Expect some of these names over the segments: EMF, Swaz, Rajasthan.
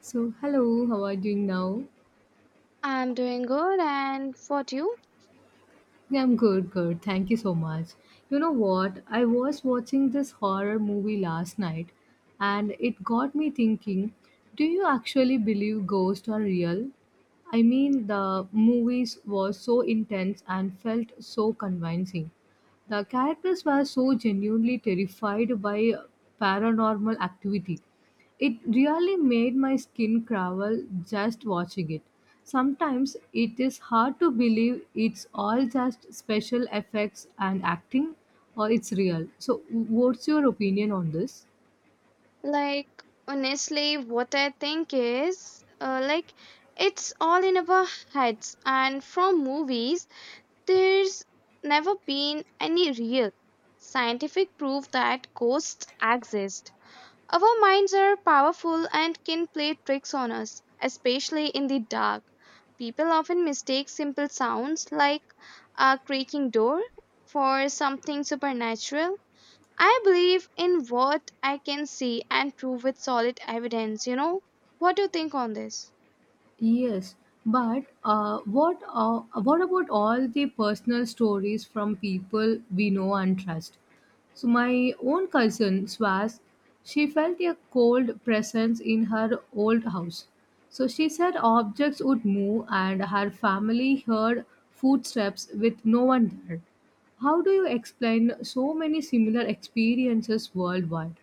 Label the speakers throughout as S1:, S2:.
S1: So, hello, how are you doing now?
S2: I'm doing good, and what you?
S1: Yeah, I'm good, good. Thank you so much. You know what? I was watching this horror movie last night, and it got me thinking, do you actually believe ghosts are real? I mean, the movies was so intense and felt so convincing. The characters were so genuinely terrified by paranormal activity. It really made my skin crawl just watching it. Sometimes it is hard to believe it's all just special effects and acting or it's real. So, what's your opinion on this?
S2: Like, honestly, what I think is, it's all in our heads, and from movies, there's never been any real scientific proof that ghosts exist. Our minds are powerful and can play tricks on us, especially in the dark. People often mistake simple sounds like a creaking door for something supernatural. I believe in what I can see and prove with solid evidence, What do you think on this?
S1: Yes, but what about all the personal stories from people we know and trust? So my own cousin Swaz, she felt a cold presence in her old house. So she said objects would move, and her family heard footsteps with no one there. How do you explain so many similar experiences worldwide?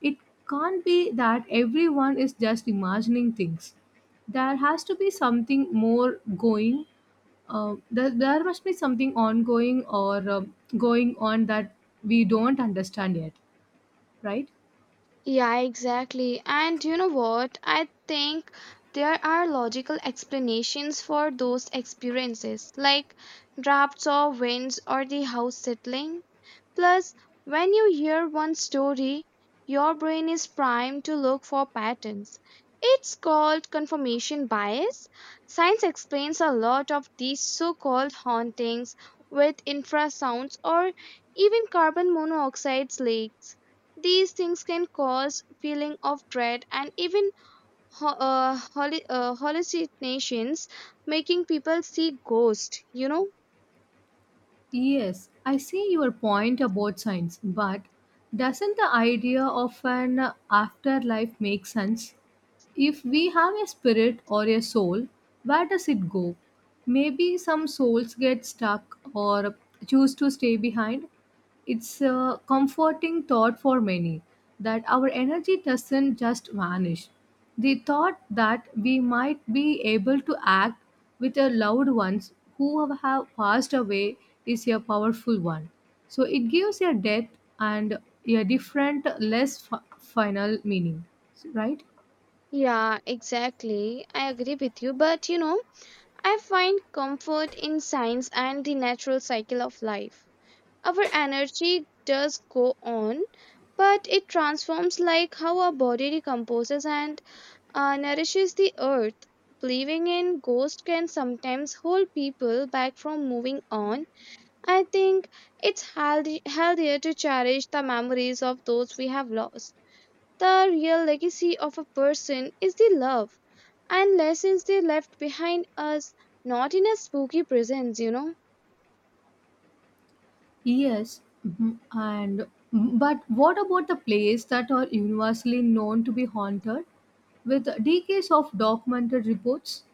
S1: It can't be that everyone is just imagining things. There has to be something more going. There must be something ongoing or going on that we don't understand yet, right?
S2: Yeah, exactly. And you know what? I think there are logical explanations for those experiences, like drafts or winds or the house settling. Plus, when you hear one story, your brain is primed to look for patterns. It's called confirmation bias. Science explains a lot of these so called hauntings with infrasounds or even carbon monoxide leaks. These things can cause feeling of dread and even hallucinations, making people see ghosts,
S1: Yes, I see your point about science, but doesn't the idea of an afterlife make sense? If we have a spirit or a soul, where does it go? Maybe some souls get stuck or choose to stay behind. It's a comforting thought for many that our energy doesn't just vanish. The thought that we might be able to act with our loved ones who have passed away is a powerful one. So it gives a depth and a different, less final meaning, right?
S2: Yeah, exactly. I agree with you. But you know, I find comfort in science and the natural cycle of life. Our energy does go on, but it transforms like how our body decomposes and nourishes the earth. Believing in ghosts can sometimes hold people back from moving on. I think it's healthier to cherish the memories of those we have lost. The real legacy of a person is the love and lessons they left behind us, not in a spooky presence,
S1: Yes, mhm, and mm-hmm, but what about the places that are universally known to be haunted with decades of documented reports?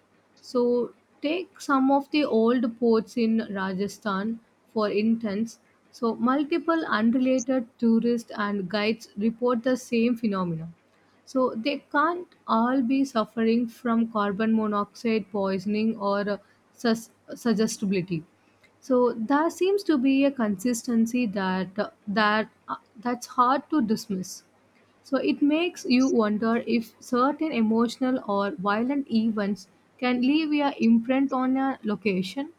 S1: So, take some of the old ports in Rajasthan, for instance. So, multiple unrelated tourists and guides report the same phenomena. So, they can't all be suffering from carbon monoxide poisoning or suggestibility. So there seems to be a consistency that that's hard to dismiss. So it makes you wonder if certain emotional or violent events can leave a imprint on a location.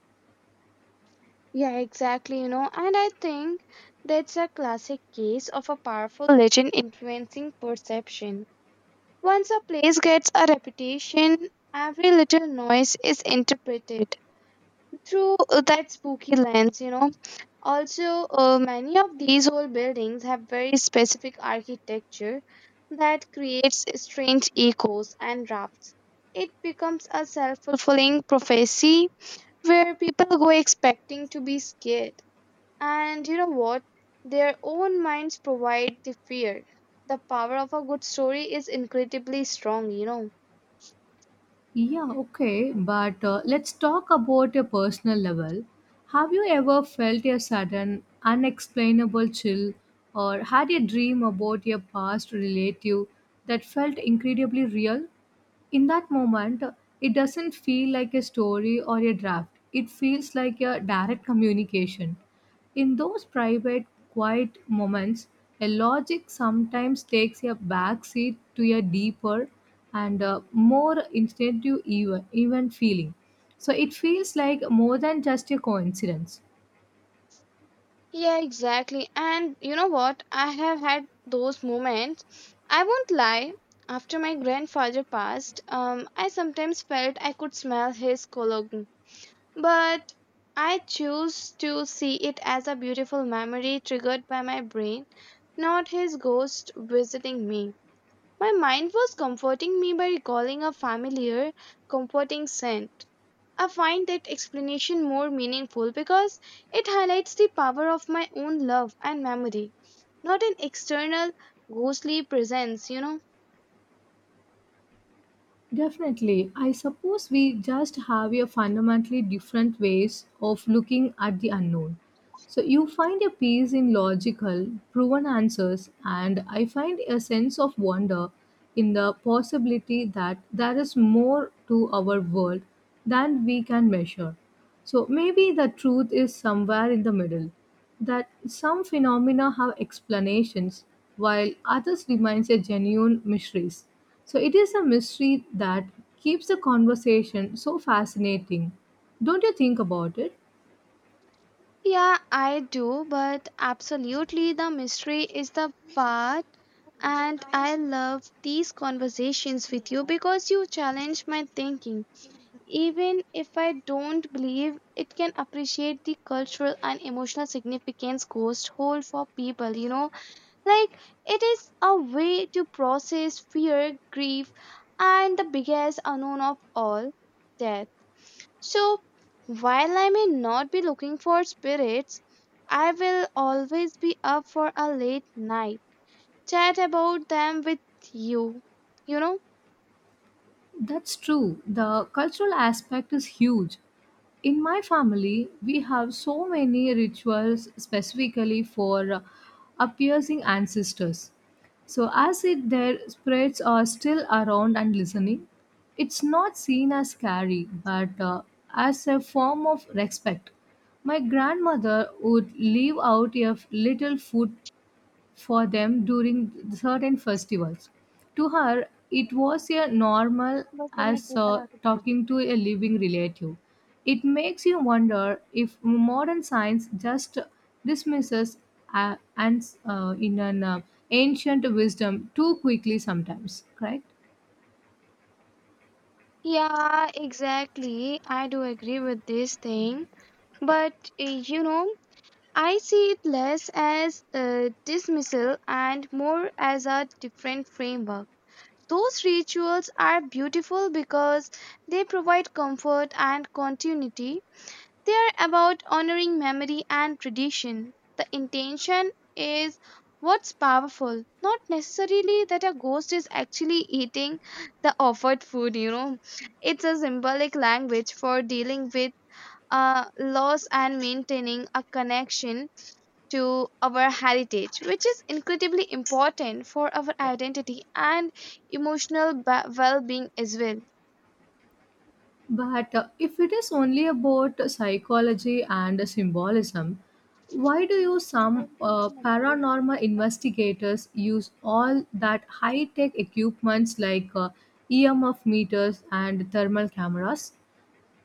S2: Yeah, exactly, you know, and I think that's a classic case of a powerful legend influencing perception. Once a place gets a reputation, every little noise is interpreted through that spooky lens, Also, many of these old buildings have very specific architecture that creates strange echoes and drafts. It becomes a self fulfilling prophecy where people go expecting to be scared. And you know what? Their own minds provide the fear. The power of a good story is incredibly strong,
S1: Yeah, okay,
S2: know.
S1: but let's talk about a personal level. Have you ever felt a sudden, unexplainable chill or had a dream about your past relative that felt incredibly real? In that moment, it doesn't feel like a story or a draft, it feels like a direct communication. In those private, quiet moments, a logic sometimes takes a backseat to a deeper and more instinctive, even feeling. So it feels like more than just a coincidence.
S2: Yeah, exactly. And you know what? I have had those moments. I won't lie. After my grandfather passed, I sometimes felt I could smell his cologne. But I choose to see it as a beautiful memory triggered by my brain, not his ghost visiting me. My mind was comforting me by recalling a familiar, comforting scent. I find that explanation more meaningful because it highlights the power of my own love and memory, not an external ghostly presence,
S1: Definitely. I suppose we just have a fundamentally different ways of looking at the unknown. So you find a peace in logical, proven answers, and I find a sense of wonder in the possibility that there is more to our world than we can measure. So maybe the truth is somewhere in the middle. That some phenomena have explanations, while others remain a genuine mysteries. So it is a mystery that keeps the conversation so fascinating. Don't you think about it?
S2: Yeah, I do, but absolutely the mystery is the part. And I love these conversations with you because you challenge my thinking. Even if I don't believe, it can appreciate the cultural and emotional significance ghosts hold for people, Like, it is a way to process fear, grief, and the biggest unknown of all, death. So, while I may not be looking for spirits, I will always be up for a late night chat about them with you, you know.
S1: That's true. The cultural aspect is huge. In my family, we have so many rituals specifically for appeasing ancestors, so as it their spirits are still around and listening. It's not seen as scary, but as a form of respect. My grandmother would leave out a little food for them during certain festivals. To her, it was a normal
S2: बस तुमने
S1: as
S2: कितना.
S1: talking to a living relative. It makes you wonder if modern science just dismisses and in an ancient wisdom too quickly sometimes, correct?
S2: Yeah, exactly. I do agree with this thing. But, you know, I see it less as a dismissal and more as a different framework. Those rituals are beautiful because they provide comfort and continuity. They are about honoring memory and tradition. The intention is what's powerful, not necessarily that a ghost is actually eating the offered food, It's a symbolic language for dealing with loss and maintaining a connection to our heritage, which is incredibly important for our identity and emotional well being as well.
S1: But if it is only about psychology and symbolism, why do you some paranormal investigators use all that high-tech equipments like EMF meters and thermal cameras?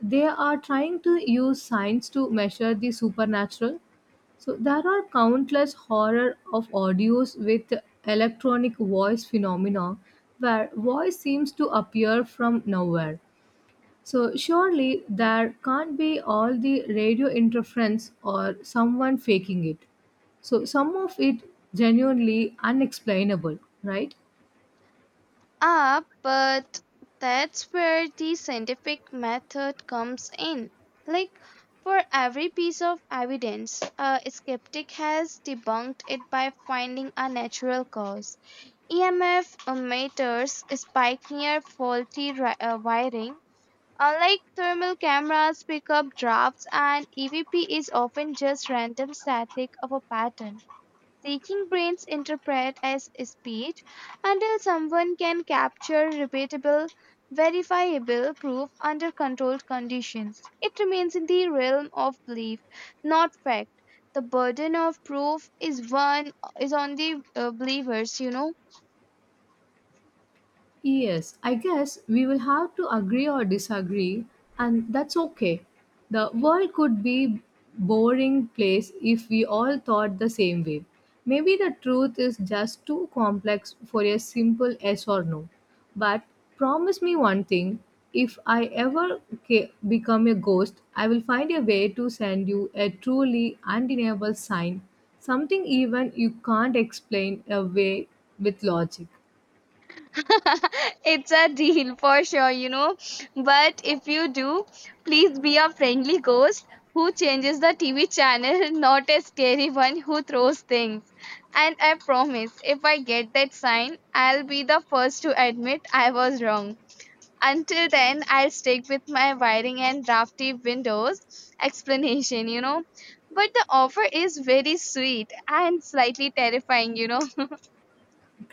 S1: They are trying to use science to measure the supernatural. So there are countless horror of audios with electronic voice phenomena where voice seems to appear from nowhere. So surely there can't be all the radio interference or someone faking it. So some of it genuinely unexplainable, right?
S2: Ah, but that's where the scientific method comes in. Like, for every piece of evidence, a skeptic has debunked it by finding a natural cause. EMF emitters spike near faulty wiring. Unlike thermal cameras, pick up drafts, and EVP is often just random static of a pattern. Seeking brains interpret as speech until someone can capture repeatable, verifiable proof under controlled conditions. It remains in the realm of belief, not fact. The burden of proof is on the believers,
S1: Yes, I guess we will have to agree or disagree, and that's okay. The world could be boring place if we all thought the same way. Maybe the truth is just too complex for a simple yes or no. But promise me one thing, if I ever become a ghost, I will find a way to send you a truly undeniable sign, something even you can't explain away with logic.
S2: It's a deal for sure, But if you do, please be a friendly ghost who changes the TV channel, not a scary one who throws things. And I promise, if I get that sign, I'll be the first to admit I was wrong. Until then, I'll stick with my wiring and drafty windows explanation, But the offer is very sweet and slightly terrifying,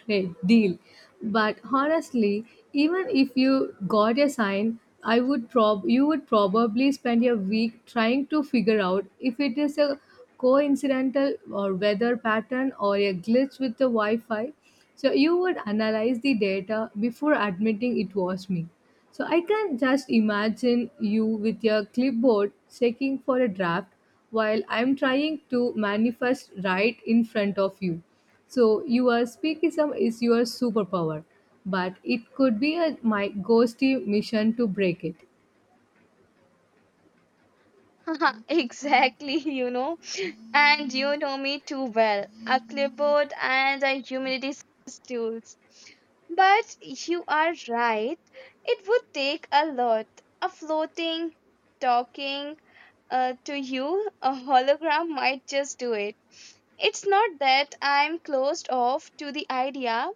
S1: Great deal. But honestly, even if you got a sign, I would prob you would probably spend a week trying to figure out if it is a coincidental or weather pattern or a glitch with the Wi-Fi. So you would analyze the data before admitting it was me. So I can just imagine you with your clipboard checking for a draft while I'm trying to manifest right in front of you. So your speakism is your superpower, but it could be my ghosty mission to break it.
S2: Exactly, And you know me too well, a clipboard and a humidity stools. But you are right, it would take a lot. A floating, talking to you, a hologram might just do it. It's not that I'm closed off to the idea,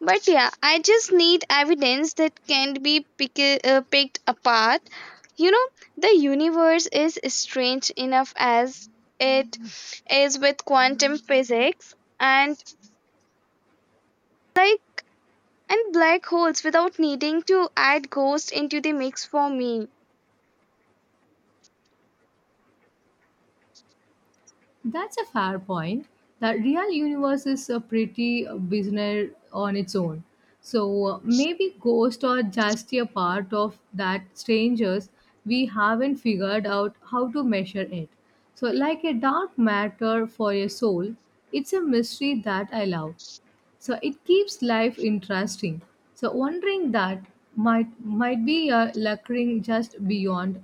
S2: but yeah, I just need evidence that can be picked apart. You know, the universe is strange enough as it is with quantum physics and like and black holes without needing to add ghosts into the mix for me.
S1: That's a fair point. The real universe is a pretty business on its own. So maybe ghosts are just a part of that strangers we haven't figured out how to measure it. So like a dark matter for a soul, it's a mystery that I love, so it keeps life interesting. So wondering that might might be a lurking just beyond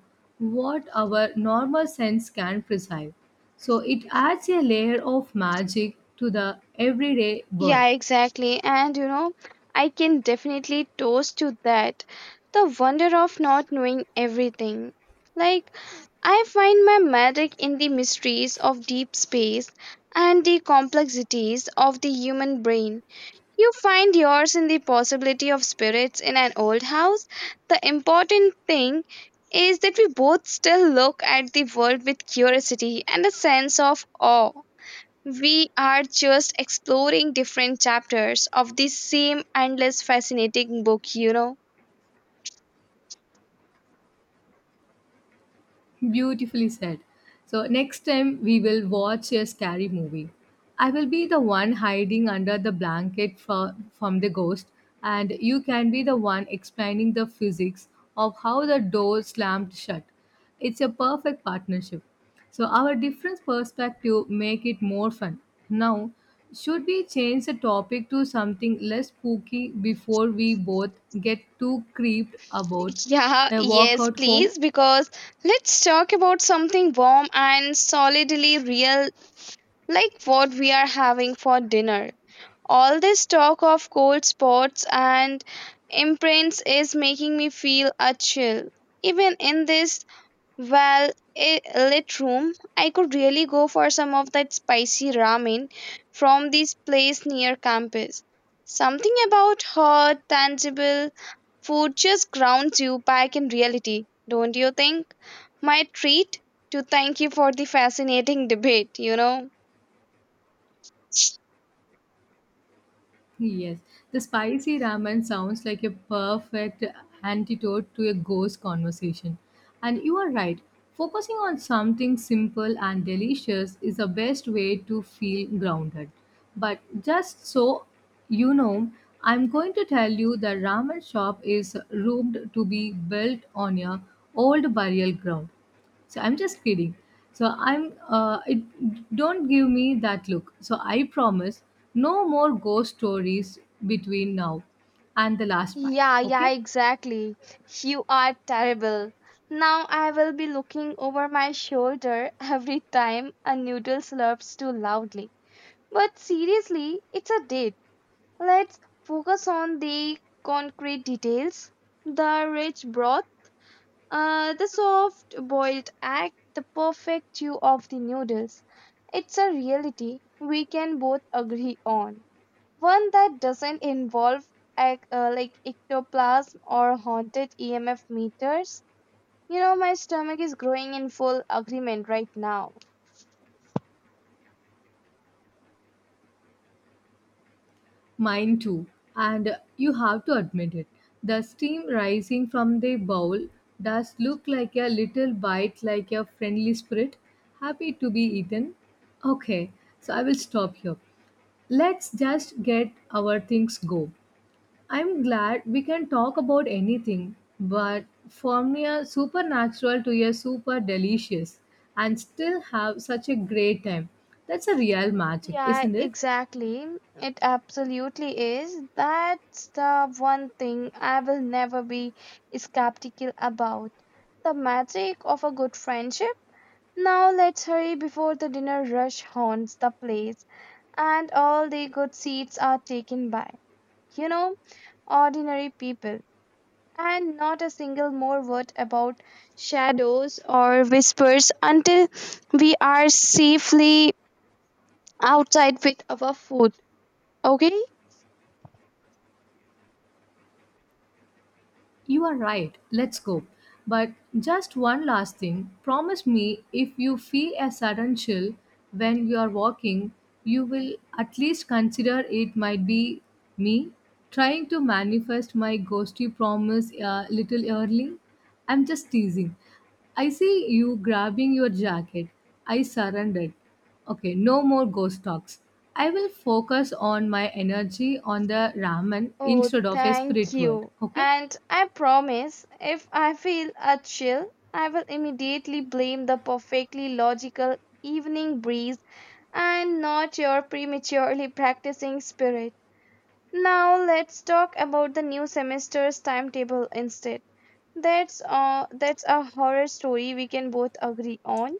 S1: what our normal sense can perceive. So it adds a layer of magic to the everyday world.
S2: Yeah, exactly. And you know, I can definitely toast to that. The wonder of not knowing everything. Like, I find my magic in the mysteries of deep space and the complexities of the human brain. You find yours in the possibility of spirits in an old house. The important thing is that we both still look at the world with curiosity and a sense of awe. We are just exploring different chapters of the same endless fascinating book,
S1: Beautifully said. So next time we will watch a scary movie. I will be the one hiding under the blanket from the ghost, and you can be the one explaining the physics of how the door slammed shut. It's a perfect partnership. So our different perspective make it more fun. Now, should we change the topic to something less spooky before we both get too creeped about
S2: Yeah,
S1: a walk
S2: yes,
S1: out home?
S2: please, because let's talk about something warm and solidly real, like what we are having for dinner. All this talk of cold spots and imprints is making me feel a chill. Even in this. Well, a lit room. I could really go for some of that spicy ramen from this place near campus. Something about hot, tangible food just grounds you back in reality, don't you think? My treat to thank you for the fascinating debate,
S1: Yes, the spicy ramen sounds like a perfect antidote to a ghost conversation. And you are right, focusing on something simple and delicious is the best way to feel grounded. But just so you know, I'm going to tell you the ramen shop is rumored to be built on a old burial ground. So I'm just kidding. So I'm it don't give me that look. So I promise no more ghost stories between now and the last part.
S2: Yeah,
S1: Okay?
S2: exactly. You are terrible. Now I will be looking over my shoulder every time a noodle slurps too loudly. But seriously, it's a date. Let's focus on the concrete details, the rich broth, the soft boiled egg, the perfect chew of the noodles. It's a reality we can both agree on. One that doesn't involve ectoplasm or haunted EMF meters. You know, my stomach is growing in full agreement right now.
S1: Mine too. And you have to admit it. The steam rising from the bowl does look like a little bite like a friendly spirit happy to be eaten. Okay. So I will stop here. Let's just get our things go. I'm glad we can talk about anything, but from a supernatural to a super delicious and still have such a great time. That's a real magic,
S2: Yeah,
S1: isn't it?
S2: exactly. It absolutely is. That's the one thing I will never be skeptical about. The magic of a good friendship. Now let's hurry before the dinner rush haunts the place and all the good seats are taken by, you know, ordinary people. And not a single more word about shadows or whispers until we are safely outside with our food. Okay?
S1: You are right. Let's go. But just one last thing. Promise me if you feel a sudden chill when you are walking, you will at least consider it might be me trying to manifest my ghosty promise a little early. I'm just teasing. I see you grabbing your jacket. I surrendered. Okay, no more ghost talks. I will focus on my energy on the ramen
S2: Oh,
S1: instead of a
S2: thank
S1: spirit world.
S2: you.
S1: Okay?
S2: And I promise if I feel a chill, I will immediately blame the perfectly logical evening breeze and not your prematurely practicing spirit. Now let's talk about the new semester's timetable instead. That's a horror story we can both agree on.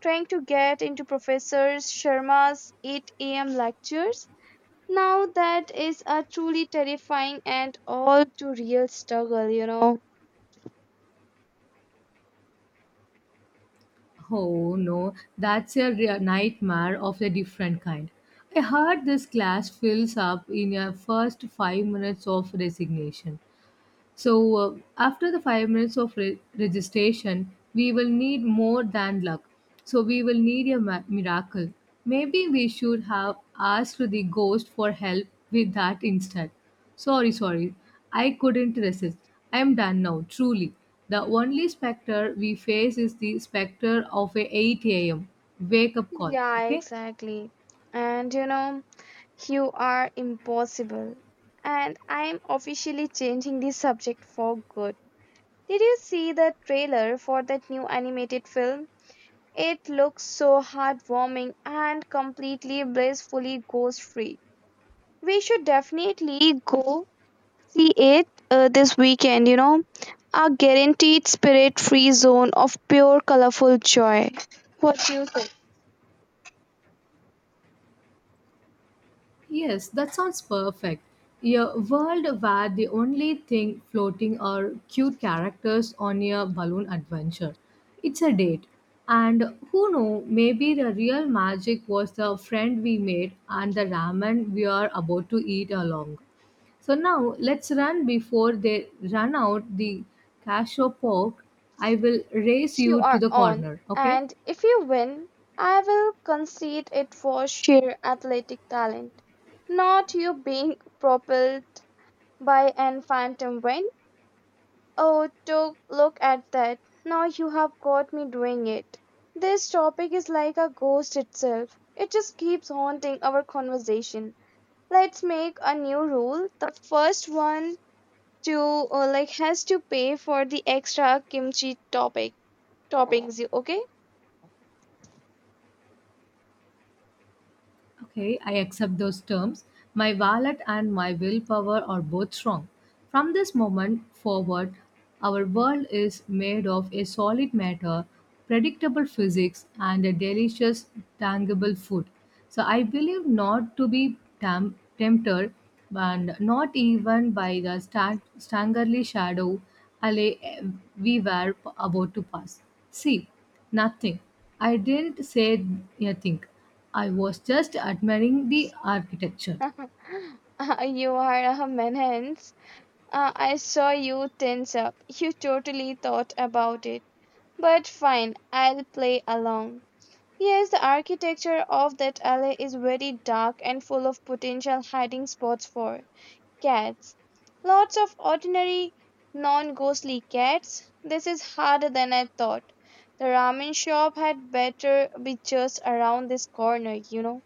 S2: Trying to get into Professor Sharma's 8 a.m. lectures, now that is a truly terrifying and all too real struggle,
S1: Oh no, that's a real nightmare of a different kind. I heard this class fills up in your first 5 minutes of resignation. So, after the 5 minutes of registration, we will need more than luck. So, we will need a miracle. Maybe we should have asked the ghost for help with that instead. Sorry, sorry. I couldn't resist. I am done now, truly. The only specter we face is the specter of a 8 a.m. wake up call.
S2: Yeah,
S1: Okay?
S2: exactly. And you know, you are impossible. And I'm officially changing the subject for good. Did you see the trailer for that new animated film? It looks so heartwarming and completely blissfully ghost free. We should definitely go see it, this weekend, A guaranteed spirit free zone of pure colorful joy. What do you think?
S1: Yes, that sounds perfect. A world where the only thing floating are cute characters on a balloon adventure. It's a date. And who know, maybe the real magic was the friend we made and the ramen we are about to eat along. So now let's run before they run out the cashew pork. I will race
S2: You
S1: you to
S2: are
S1: the
S2: on.
S1: corner, okay?
S2: And if you win, I will concede it for sheer athletic talent. Not you being propelled by an phantom wind. Oh, to look at that. Now you have got me doing it. This topic is like a ghost itself. It just keeps haunting our conversation. Let's make a new rule. The first one to has to pay for the extra kimchi topic toppings. You okay?
S1: Okay, I accept those terms. My wallet and my willpower are both strong. From this moment forward, our world is made of a solid matter, predictable physics, and a delicious, tangible food. So I believe not to be tempted, and not even by the staggerly shadow alley eh, we were about to pass. See, nothing. I didn't say a thing. I was just admiring the architecture.
S2: You are a menace. I saw you tense up. You totally thought about it. But fine, I'll play along. Yes, the architecture of that alley is very dark and full of potential hiding spots for cats. Lots of ordinary, non ghostly cats. This is harder than I thought. The ramen shop had better be just around this corner,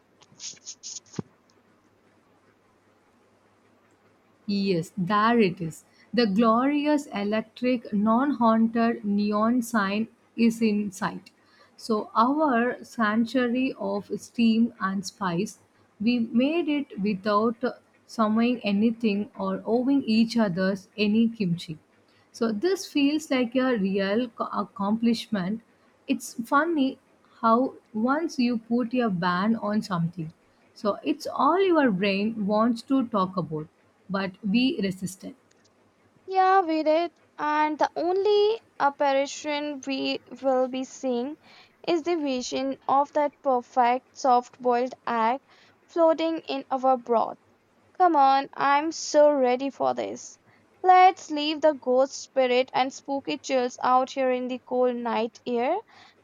S1: Yes, there it is. The glorious electric, non haunted neon sign is in sight. So, our sanctuary of steam and spice, we made it without summoning anything or owing each other's any kimchi. So this feels like a real accomplishment. It's funny how once you put a ban on something, so it's all your brain wants to talk about, but we resist it.
S2: Yeah, we did. And the only apparition we will be seeing is the vision of that perfect soft boiled egg floating in our broth. Come on, I'm so ready for this. Let's leave the ghost spirit and spooky chills out here in the cold night air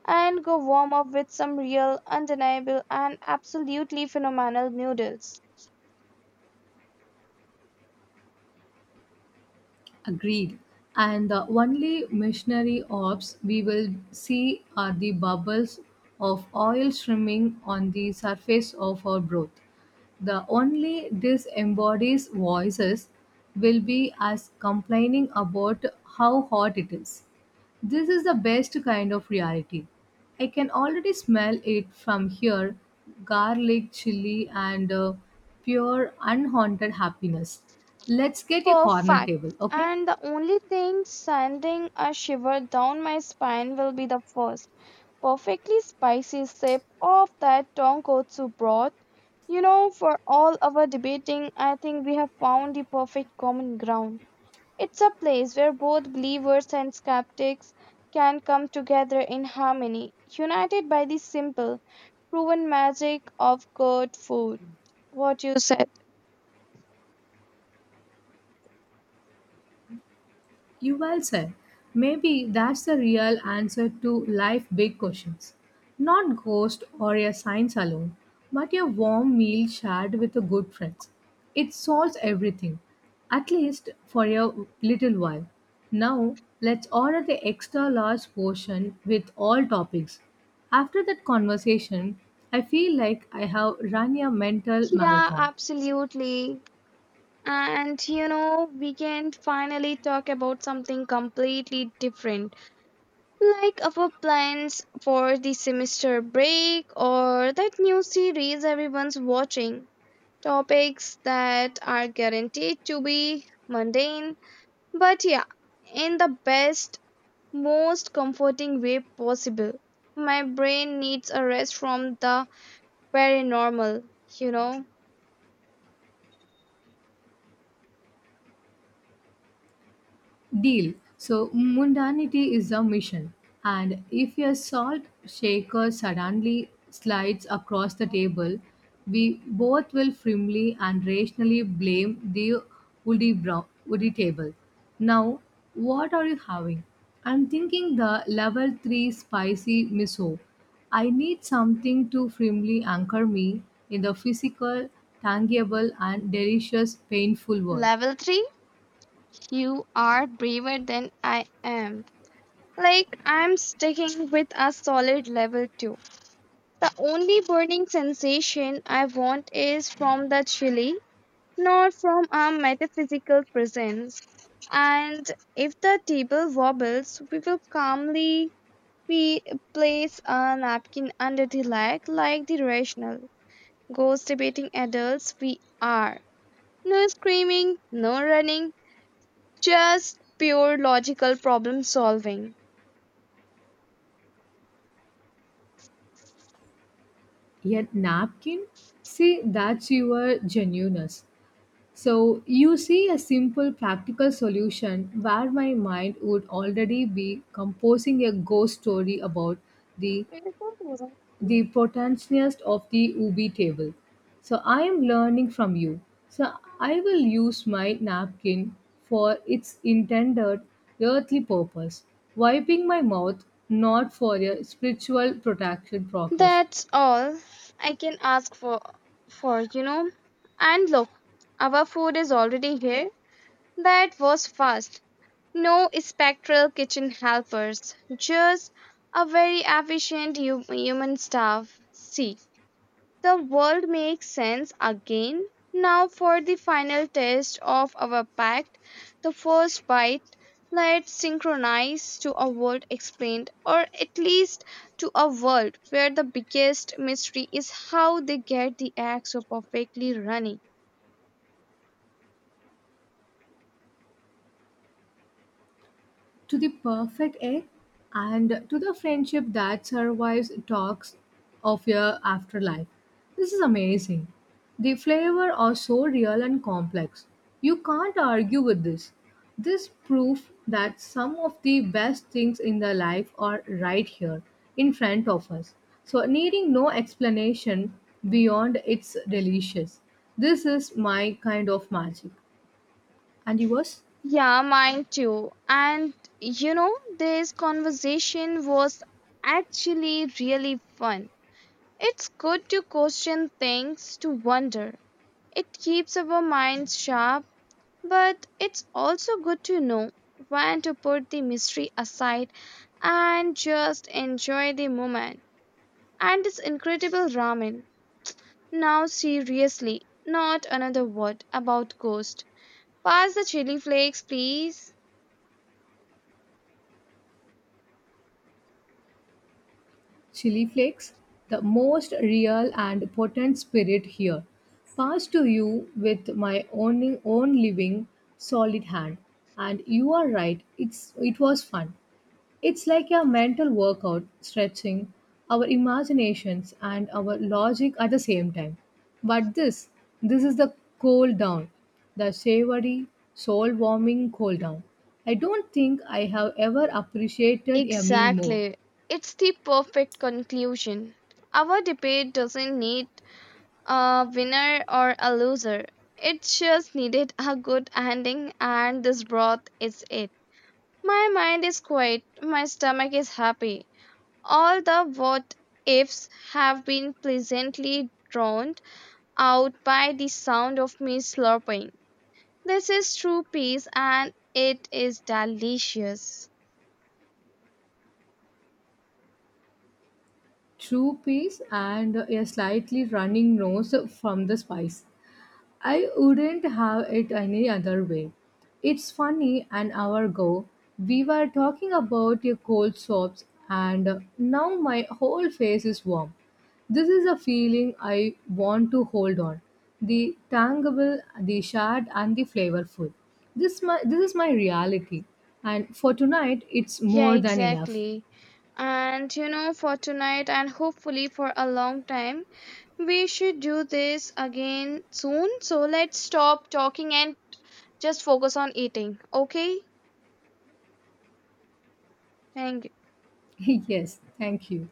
S2: and go warm up with some real, undeniable, and absolutely phenomenal noodles.
S1: Agreed. And the only missionary orbs we will see are the bubbles of oil streaming on the surface of our breath. The only disembodied voices will be us complaining about how hot it is. This is the best kind of reality. I can already smell it from here: garlic, chili, and pure unhaunted happiness. Let's get a corner
S2: Perfect.
S1: table, okay?
S2: And the only thing sending a shiver down my spine will be the first perfectly spicy sip of that tonkotsu broth. You know, for all our debating, I think we have found the perfect common ground. It's a place where both believers and skeptics can come together in harmony, united by the simple, proven magic of good food. What you said.
S1: You well said. Maybe that's the real answer to life big questions. Not ghost or a science alone, but a warm meal shared with a good friends. It solves everything, at least for a little while. Now, let's order the extra large portion with all toppings. After that conversation, I feel like I have run a mental
S2: Yeah,
S1: marathon.
S2: absolutely. And you know, we can finally talk about something completely different, like our plans for the semester break or that new series everyone's watching. Topics that are guaranteed to be mundane. But yeah, in the best, most comforting way possible. My brain needs a rest from the paranormal, you know.
S1: Deal. So mundanity is a mission. And if your salt shaker suddenly slides across the table, we both will firmly and rationally blame the woody, brown, woody table. Now, what are you having? I'm thinking the level 3 spicy miso. I need something to firmly anchor me in the physical, tangible, and delicious, painful world.
S2: Level 3. You are braver than I am. I'm sticking with a solid level 2. The only burning sensation I want is from the chili, not from a metaphysical presence. And if the table wobbles, we will calmly P place a napkin under the leg like the rational, ghost debating adults we are. No screaming, no running, just pure logical problem solving.
S1: Yet napkin, see that's your genuineness. So you see a simple practical solution where my mind would already be composing a ghost story about the the protagonist of the ubi table. So I am learning from you. So I will use my napkin for its intended earthly purpose, wiping my mouth, not for a spiritual protection progress.
S2: That's all I can ask for. And look, our food is already here. That was fast. No spectral kitchen helpers, just a very efficient human staff. See. The world makes sense again. Now for the final test of our pact, the first bite. Let's synchronize to a world explained, or at least to a world where the biggest mystery is how they get the egg so perfectly running.
S1: To the perfect egg and to the friendship that survives talks of your afterlife. This is amazing. The flavor are so real and complex. You can't argue with this. This proof that some of the best things in the life are right here in front of us. So needing no explanation beyond it's delicious. This is my kind of magic. And yours?
S2: Yeah, mine too. And you know, this conversation was actually really fun. It's good to question things, to wonder. It keeps our minds sharp, but it's also good to know when to put the mystery aside and just enjoy the moment. And this incredible ramen. Now, seriously, not another word about ghost. Pass the chili flakes, please.
S1: Chili flakes, the most real and potent spirit here, pass to you with my own, own living, solid hand. And you are right, it was fun. It's like a mental workout, stretching our imaginations and our logic at the same time. But this is the cold down, the savory, soul warming cold down. I don't think I have ever appreciated a meal more.
S2: Exactly. It's the perfect conclusion. Our debate doesn't need a winner or a loser. It just needed a good ending, and this broth is it. My mind is quiet, my stomach is happy. All the what ifs have been pleasantly drowned out by the sound of me slurping. This is true peace, and it is delicious.
S1: True peace and a slightly running nose from the spice. I wouldn't have it any other way. It's funny, an hour ago, we were talking about your cold swaps, and now my whole face is warm. This is a feeling I want to hold on. The tangible, the shared, and the flavorful. This is my reality, and for tonight, it's
S2: Yeah,
S1: more than enough.
S2: exactly. And you know, for tonight and hopefully for a long time, we should do this again soon. So let's stop talking and just focus on eating. Okay? Thank you.
S1: Yes, thank you.